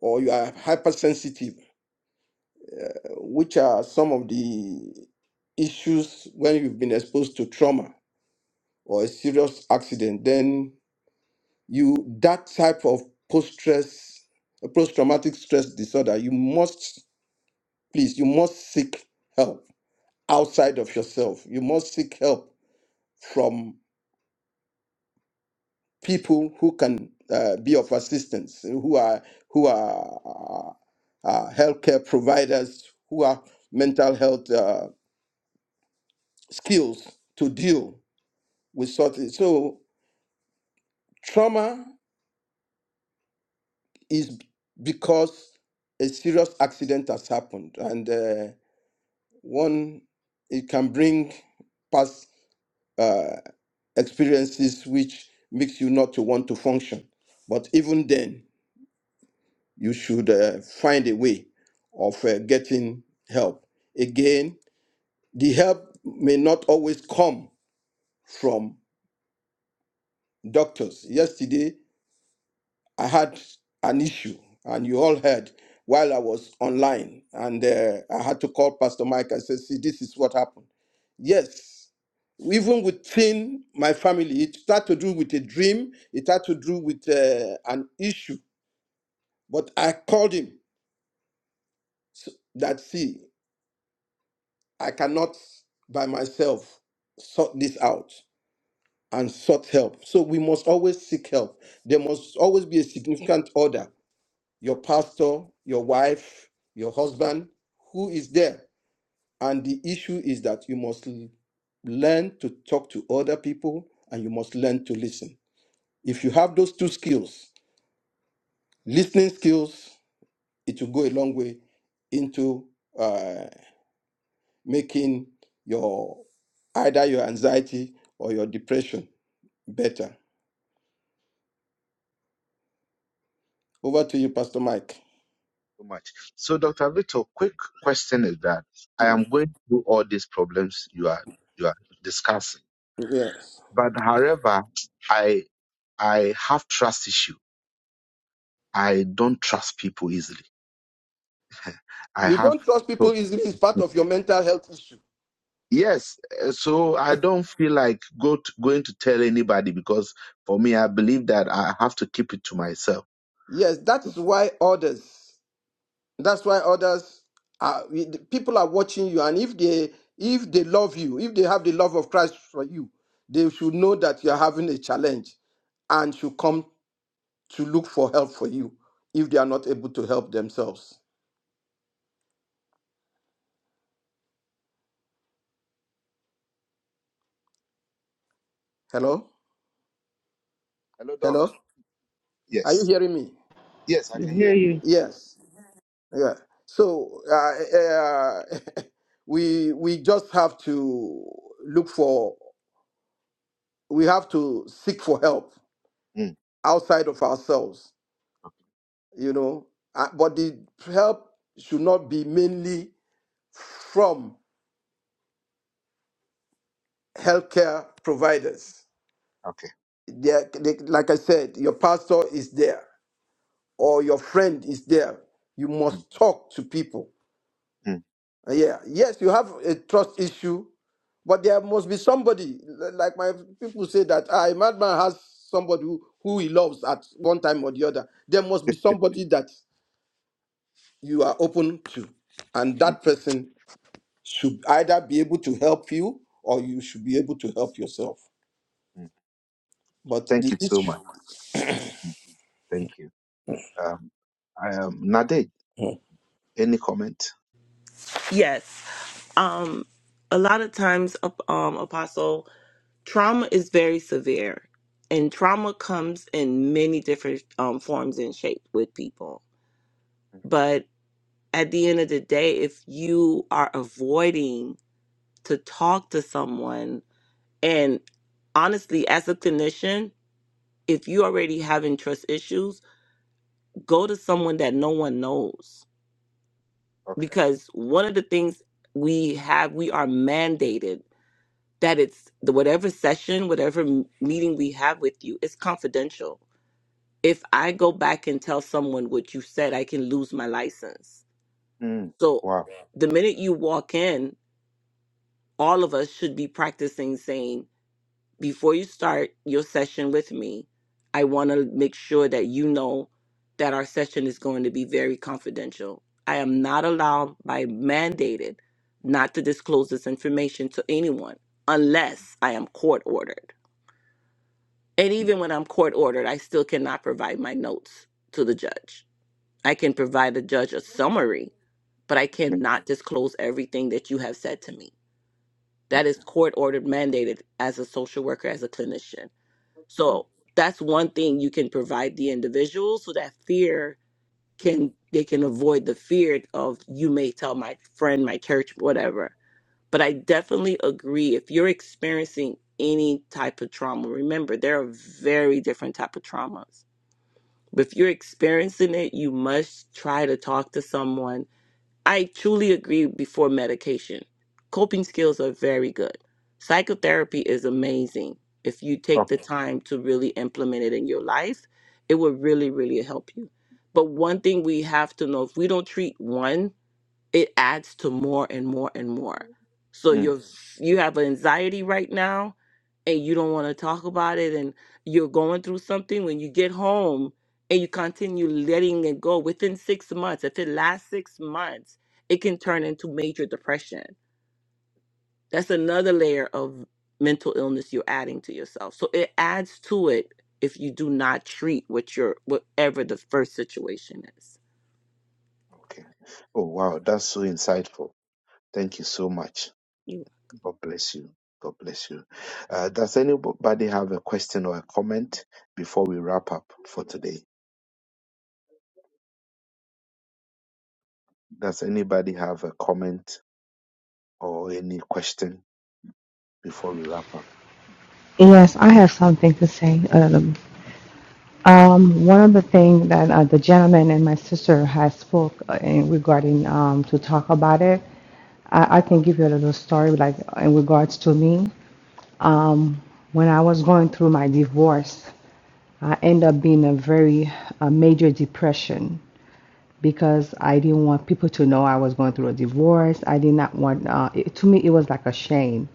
or you are hypersensitive Which are some of the issues when you've been exposed to trauma or a serious accident? Then you that type of post stress, post traumatic stress disorder. You must please, you must seek help outside of yourself. You must seek help from people who can uh, be of assistance, who are who are uh, uh, healthcare providers who have mental health uh, skills to deal. we sort it. So trauma is because a serious accident has happened, and uh, one it can bring past uh, experiences which makes you not to want to function. But even then, you should uh, find a way of uh, getting help. Again, the help may not always come from doctors. Yesterday, I had an issue, and you all heard while I was online, and uh, I had to call Pastor Mike. I said, "See, this is what happened." Yes, even within my family, it had to do with a dream. It had to do with uh, an issue. But I called him so that see, I cannot by myself sort this out and sought help. So we must always seek help. There must always be a significant order. your pastor, your wife, your husband, who is there. And the issue is that you must learn to talk to other people and you must learn to listen. If you have those two skills, listening skills, it will go a long way into uh, making your either your anxiety or your depression better. Over to you, Pastor Mike. so much. So, Dr. Vito, quick question is that I Mm, am going through all these problems you are you are discussing, Yes. but however, I I have trust issue. I don't trust people easily. I You have don't trust so, people easily, it's part of your mental health issue. yes, eh, so I don't feel like go to, going to tell anybody because for me, I believe that I have to keep it to myself. Yes, that's why others. That's why others are the people are watching you, and if they if they love you, if they have the love of Christ for you, they should know that you are having a challenge, and should come to look for help for you if they are not able to help themselves. Hello, Hello, Doc. hello, are you Yes, hearing me? yes, I I can hear hear you. you. Yes, yeah. So uh, uh, we we just have to look for we have to seek for help Mm, outside of ourselves you know. Uh, but the help should not be mainly from healthcare providers. okay. They're- they- like I said, your pastor is there or your friend is there. You Mm, must talk to people. mm, Uh, Yeah, yes, you have a trust issue, but there must be somebody. L- Like my people say that ah, a madman has somebody who, who he loves at one time or the other. There must be somebody that you are open to, and mm, that person should either be able to help you or you should be able to help yourself. mm. But Thank the you so much. issue, Thank you. Um, I am Nade any comment yes um a lot of times um apostle trauma is very severe and trauma comes in many different um, forms and shapes with people but at the end of the day if you are avoiding to talk to someone and honestly as a clinician if you already having trust issues go to someone that no one knows okay because one of the things we have we are mandated that it's the whatever session whatever m- meeting we have with you is confidential if I go back and tell someone what you said, I can lose my license. mm. So wow the minute you walk in, all of us should be practicing saying, before you start your session with me, I want to make sure that you know that our session is going to be very confidential. I am not allowed by mandated not to disclose this information to anyone unless I am court ordered. And Mm. even when I'm court ordered, I still cannot provide my notes to the judge I can provide the judge a summary, but I Okay. cannot disclose everything that you have said to me. That is Okay. court ordered mandated as a social worker, as a clinician. Mm, So that's one thing you can provide the individual so that fear mm, can they can avoid the fear of you may tell my friend, my church, whatever. But I mm. definitely agree if you're experiencing any type of trauma, remember there are very different type of traumas. if you're experiencing it, you must try to talk to someone I truly agree before medication. Coping skills are very good. Psychotherapy is amazing. If you take Oh, the time to really implement it in your life, it will really, really help you. But one thing we have to know if we don't treat one it adds to more and more and more. So mm, you're you have anxiety right now and you don't want to talk about it and you're going through something when you get home and you continue letting it go within 6 months, if it lasts 6 months, it can turn into major depression. That's another layer of mental illness you're adding to yourself. So it adds to it if you do not treat what you're whatever the first situation is. okay. Oh, wow. That's so insightful. Thank you so much. God bless you. God bless you. Uh, does anybody have a question or a comment before we wrap up for today? Does anybody have a comment or any question before we wrap up? Yes, I have something to say. Um, um, one of the things that uh, the gentleman and my sister has spoke uh, in regarding um, to talk about it, I, I can give you a little story like in regards to me. Um, when I was going through my divorce, I ended up being in a very a major depression because I didn't want people to know I was going through a divorce. I did not want uh, it, to me it was like a shame,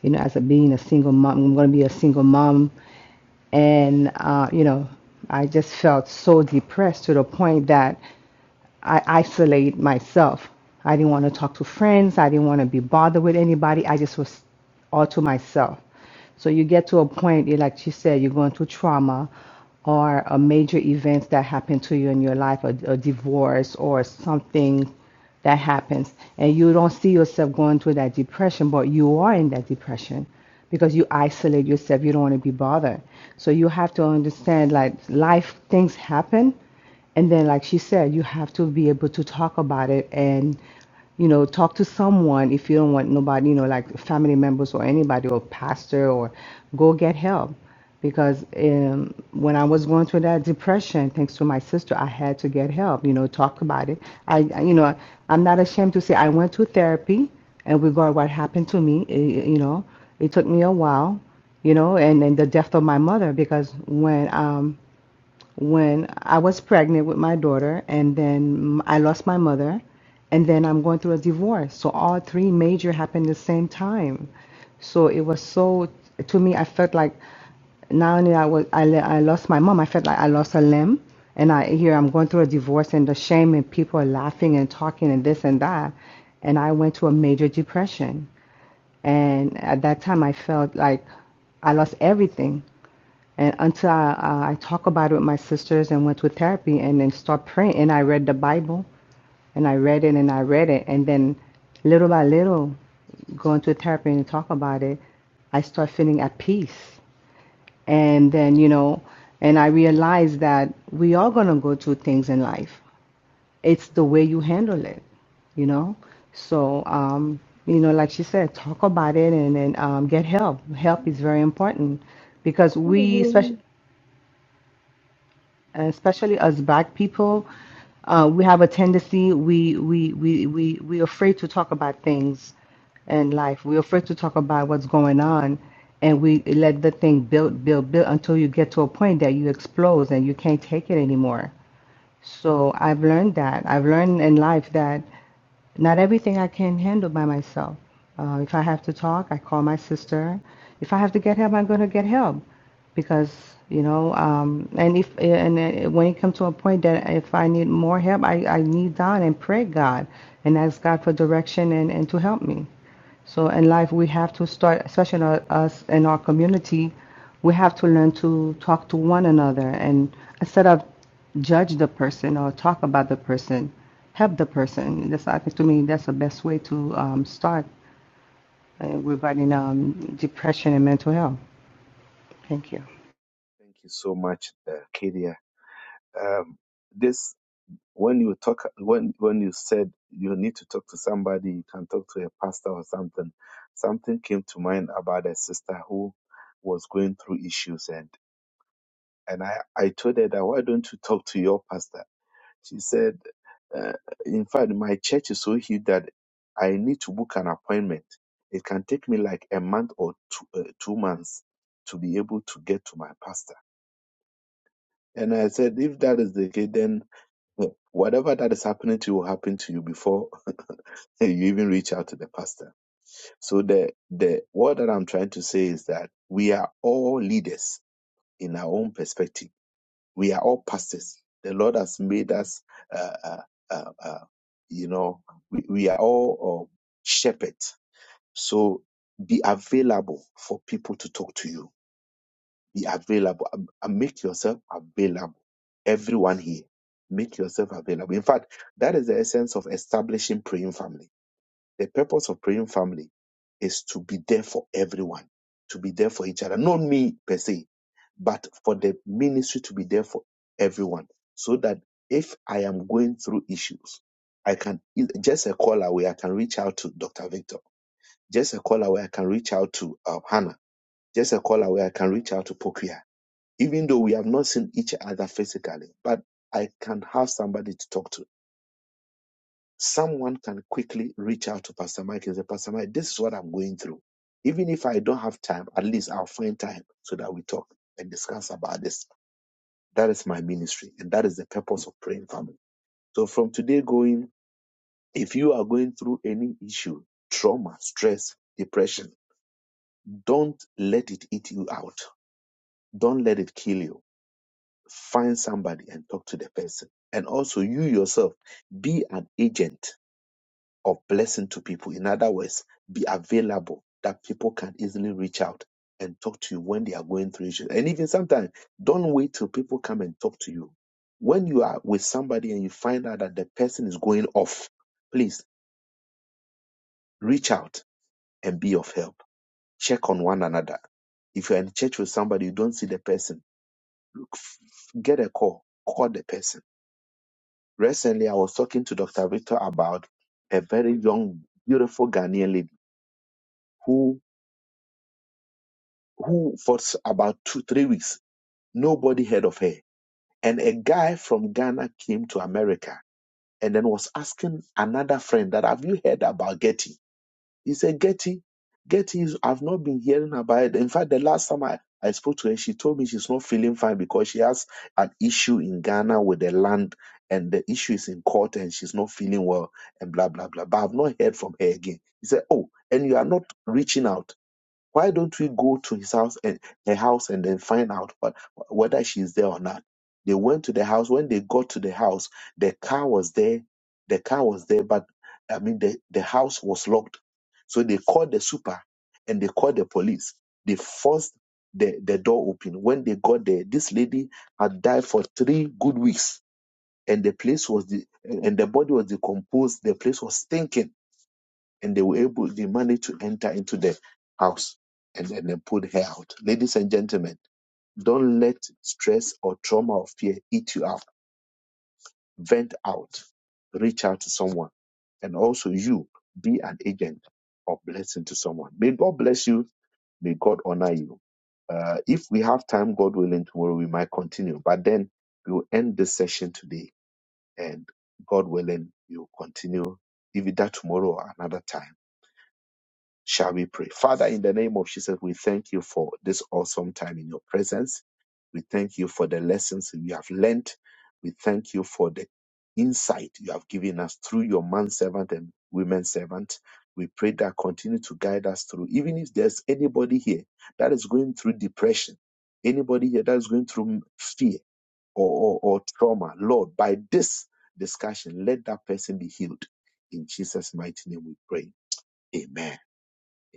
you know, as a being a single mom. I'm going to be a single mom, and uh, you know i just felt so depressed to the point that i isolate myself i didn't want to talk to friends i didn't want to be bothered with anybody i just was all to myself so you get to a point you- like she said you're going through trauma or a major event that happened to you in your life a, a divorce or something that happens and you don't see yourself going through that depression but you are in that depression because you isolate yourself you don't want to be bothered so you have to understand like life things happen and then like she said you have to be able to talk about it and you know talk to someone if you don't want nobody you know like family members or anybody or pastor or go get help because um, when I was going through that depression, thanks to my sister, I had to get help. You know, talk about it. I, I- you know, I'm not ashamed to say I went to therapy, and regard what happened to me, eh, eh, you know, it took me a while, you know, and and the death of my mother because when um, when I was pregnant with my daughter, and then I lost my mother, and then I'm going through a divorce. So all three major happened the same time. So it was so to me, I felt like not only I was I, le- I lost my mom, I felt like I lost a limb, and I here I'm going through a divorce and the shame and people are laughing and talking and this and that, and I went to a major depression, and at that time I felt like I lost everything and until I, I I talk about it with my sisters and went to therapy and then start praying and I read the Bible and I read it and I read it and then little by little going to therapy and talk about it, I start feeling at peace. And then, you know, and I realize that we are going to go through things in life. It's the way you handle it, you know? So, um, you know, like she said, talk about it and then um, get help. Help is very important because we, especially Mhm. uh, especially as black people uh, we have a tendency we we we we we're afraid to talk about things in life we're afraid to talk about what's going on and we let the thing build build build until you get to a point that you explode and you can't take it anymore so I've learned that. I've learned in life that not everything I can handle by myself. Uh, if I have to talk, I call my sister. If I have to get help, I'm going to get help because you know. Um, and if and uh, when it comes to a point that if I need more help, I, I kneel down and pray God and ask God for direction and, and to help me. So in life, we have to start, especially in our, us in our community, we have to learn to talk to one another and instead of judge the person or talk about the person, help the person. That's I think to me that's the best way to um, start uh, regarding um, depression and mental health. Thank you. Thank you so much, uh, Kadia. Um, this. When you talk, when when you said you need to talk to somebody, you can talk to a pastor or something. Something came to mind about a sister who was going through issues, and and I I told her that why don't you talk to your pastor? She said, uh, in fact, my church is so huge that I need to book an appointment. It can take me like a month or two, uh, two months to be able to get to my pastor. And I said, if that is the case, then uh, whatever that is happening to you will happen to you before And you even reach out to the pastor. So the the what that I'm trying to say is that we are all leaders in our own perspective. We are all pastors. The Lord has made us, uh, uh, uh, uh, you know, we, we are all uh, shepherds. So be available for people to talk to you. Be available. Um, uh, Make yourself available. Everyone here, make yourself available. In fact, that is the essence of establishing praying family the purpose of praying family is to be there for everyone, to be there for each other. Not me per se, but for the ministry to be there for everyone. So that if I am going through issues, I can e, just a call away, I can reach out to Dr. Victor. Just a call away, I can reach out to uh, Hannah. Just a call away, I can reach out to Pokia. Even though we have not seen each other physically, but I can have somebody to talk to someone can quickly reach out to Pastor Mike and say, Pastor Mike, this is what I'm going through. Even if I don't have time, at least I'll find time so that we talk and discuss about this. That is my ministry, and that is the purpose of praying family. So from today going, if you are going through any issue, trauma, stress, depression, don't let it eat you out. Don't let it kill you. Find somebody and talk to the person. And also you yourself, be an agent of blessing to people. In other words, be available that people can easily reach out and talk to you when they are going through issues. And even sometimes, don't wait till people come and talk to you. When you are with somebody and you find out that the person is going off, please reach out and be of help. Check on one another. If you're in church with somebody, you don't see the person, get a call, call the person. Recently, I was talking to Dr. Victor about a very young, beautiful Ghanaian lady who. who for s- about two, three weeks, nobody heard of her. And a guy from Ghana came to America and then was asking another friend that have you heard about Getty? He said, Getty, Getty is I've not been hearing about it. In fact, the last time I, I spoke to her, she told me she's not feeling fine because she has an issue in Ghana with the land and the issue is in court and she's not feeling well and blah blah blah. But I've not heard from her again. He said, Oh, and you are not reaching out. Why don't we go to his house and her house and then find out what, whether she's there or not? They went to the house. When they got to the house, the car was there. The car was there, but I mean the, the house was locked. So they called the super and they called the police. They forced the, the door open. When they got there, this lady had died for three good weeks. And the place was the and the body was decomposed. The place was stinking and they were able, they managed to enter into the house and, and then pulled her out. Ladies and gentlemen, don't let stress or trauma or fear eat you up. Vent out. Reach out to someone. And also you be an agent of blessing to someone. May God bless you. May God honor you. Uh, if we have time, God willing, tomorrow we might continue. But then we will end this session today. And God willing, we will continue either tomorrow or another time. Shall we pray? Father, in the name of Jesus, we thank you for this awesome time in your presence. We thank you for the lessons we have learned. We thank you for the insight you have given us through your man servant and women servant. We pray that continue to guide us through. Even if there's anybody here that is going through depression, anybody here that is going through fear or, or, or trauma, Lord, by this discussion, let that person be healed. In Jesus' mighty name we pray. Amen.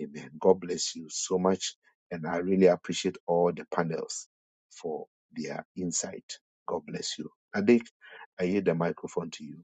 Amen. God bless you so much. And I really appreciate all the panels for their insight. God bless you. Nadej, I yield the microphone to you.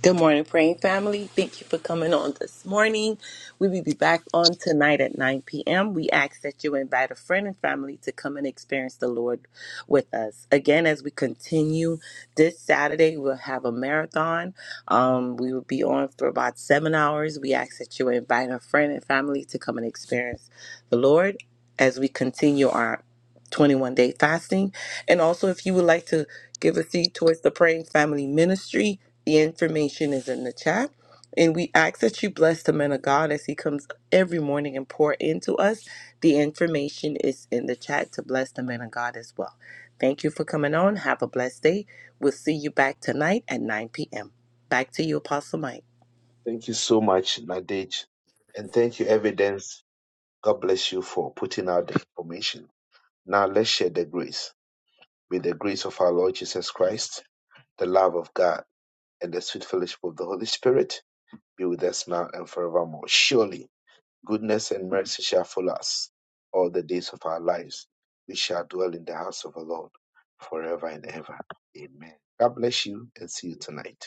Good morning, praying family. Thank you for coming on this morning. We will be back on tonight at 9 p.m. We ask that you invite a friend and family to come and experience the Lord with us. Again, as we continue this Saturday, we'll have a marathon. Um, we will be on for about seven hours. We ask that you invite a friend and family to come and experience the Lord as we continue our 21 day fasting. And also, if you would like to give a seed towards the Praying Family Ministry, the information is in the chat. And we ask that you bless the man of God as he comes every morning and pour into us. The information is in the chat to bless the man of God as well. Thank you for coming on. Have a blessed day. We'll see you back tonight at 9 p.m. Back to you, Apostle Mike. Thank you so much, Nadej. And thank you, Evidence. God bless you for putting out the information. Now let's share the grace. May the grace of our Lord Jesus Christ, the love of God, and the sweet fellowship of the Holy Spirit be with us now and forevermore. Surely Goodness and mercy shall follow us all the days of our lives. We shall dwell in the house of the Lord forever and ever. Amen. God bless you and see you tonight.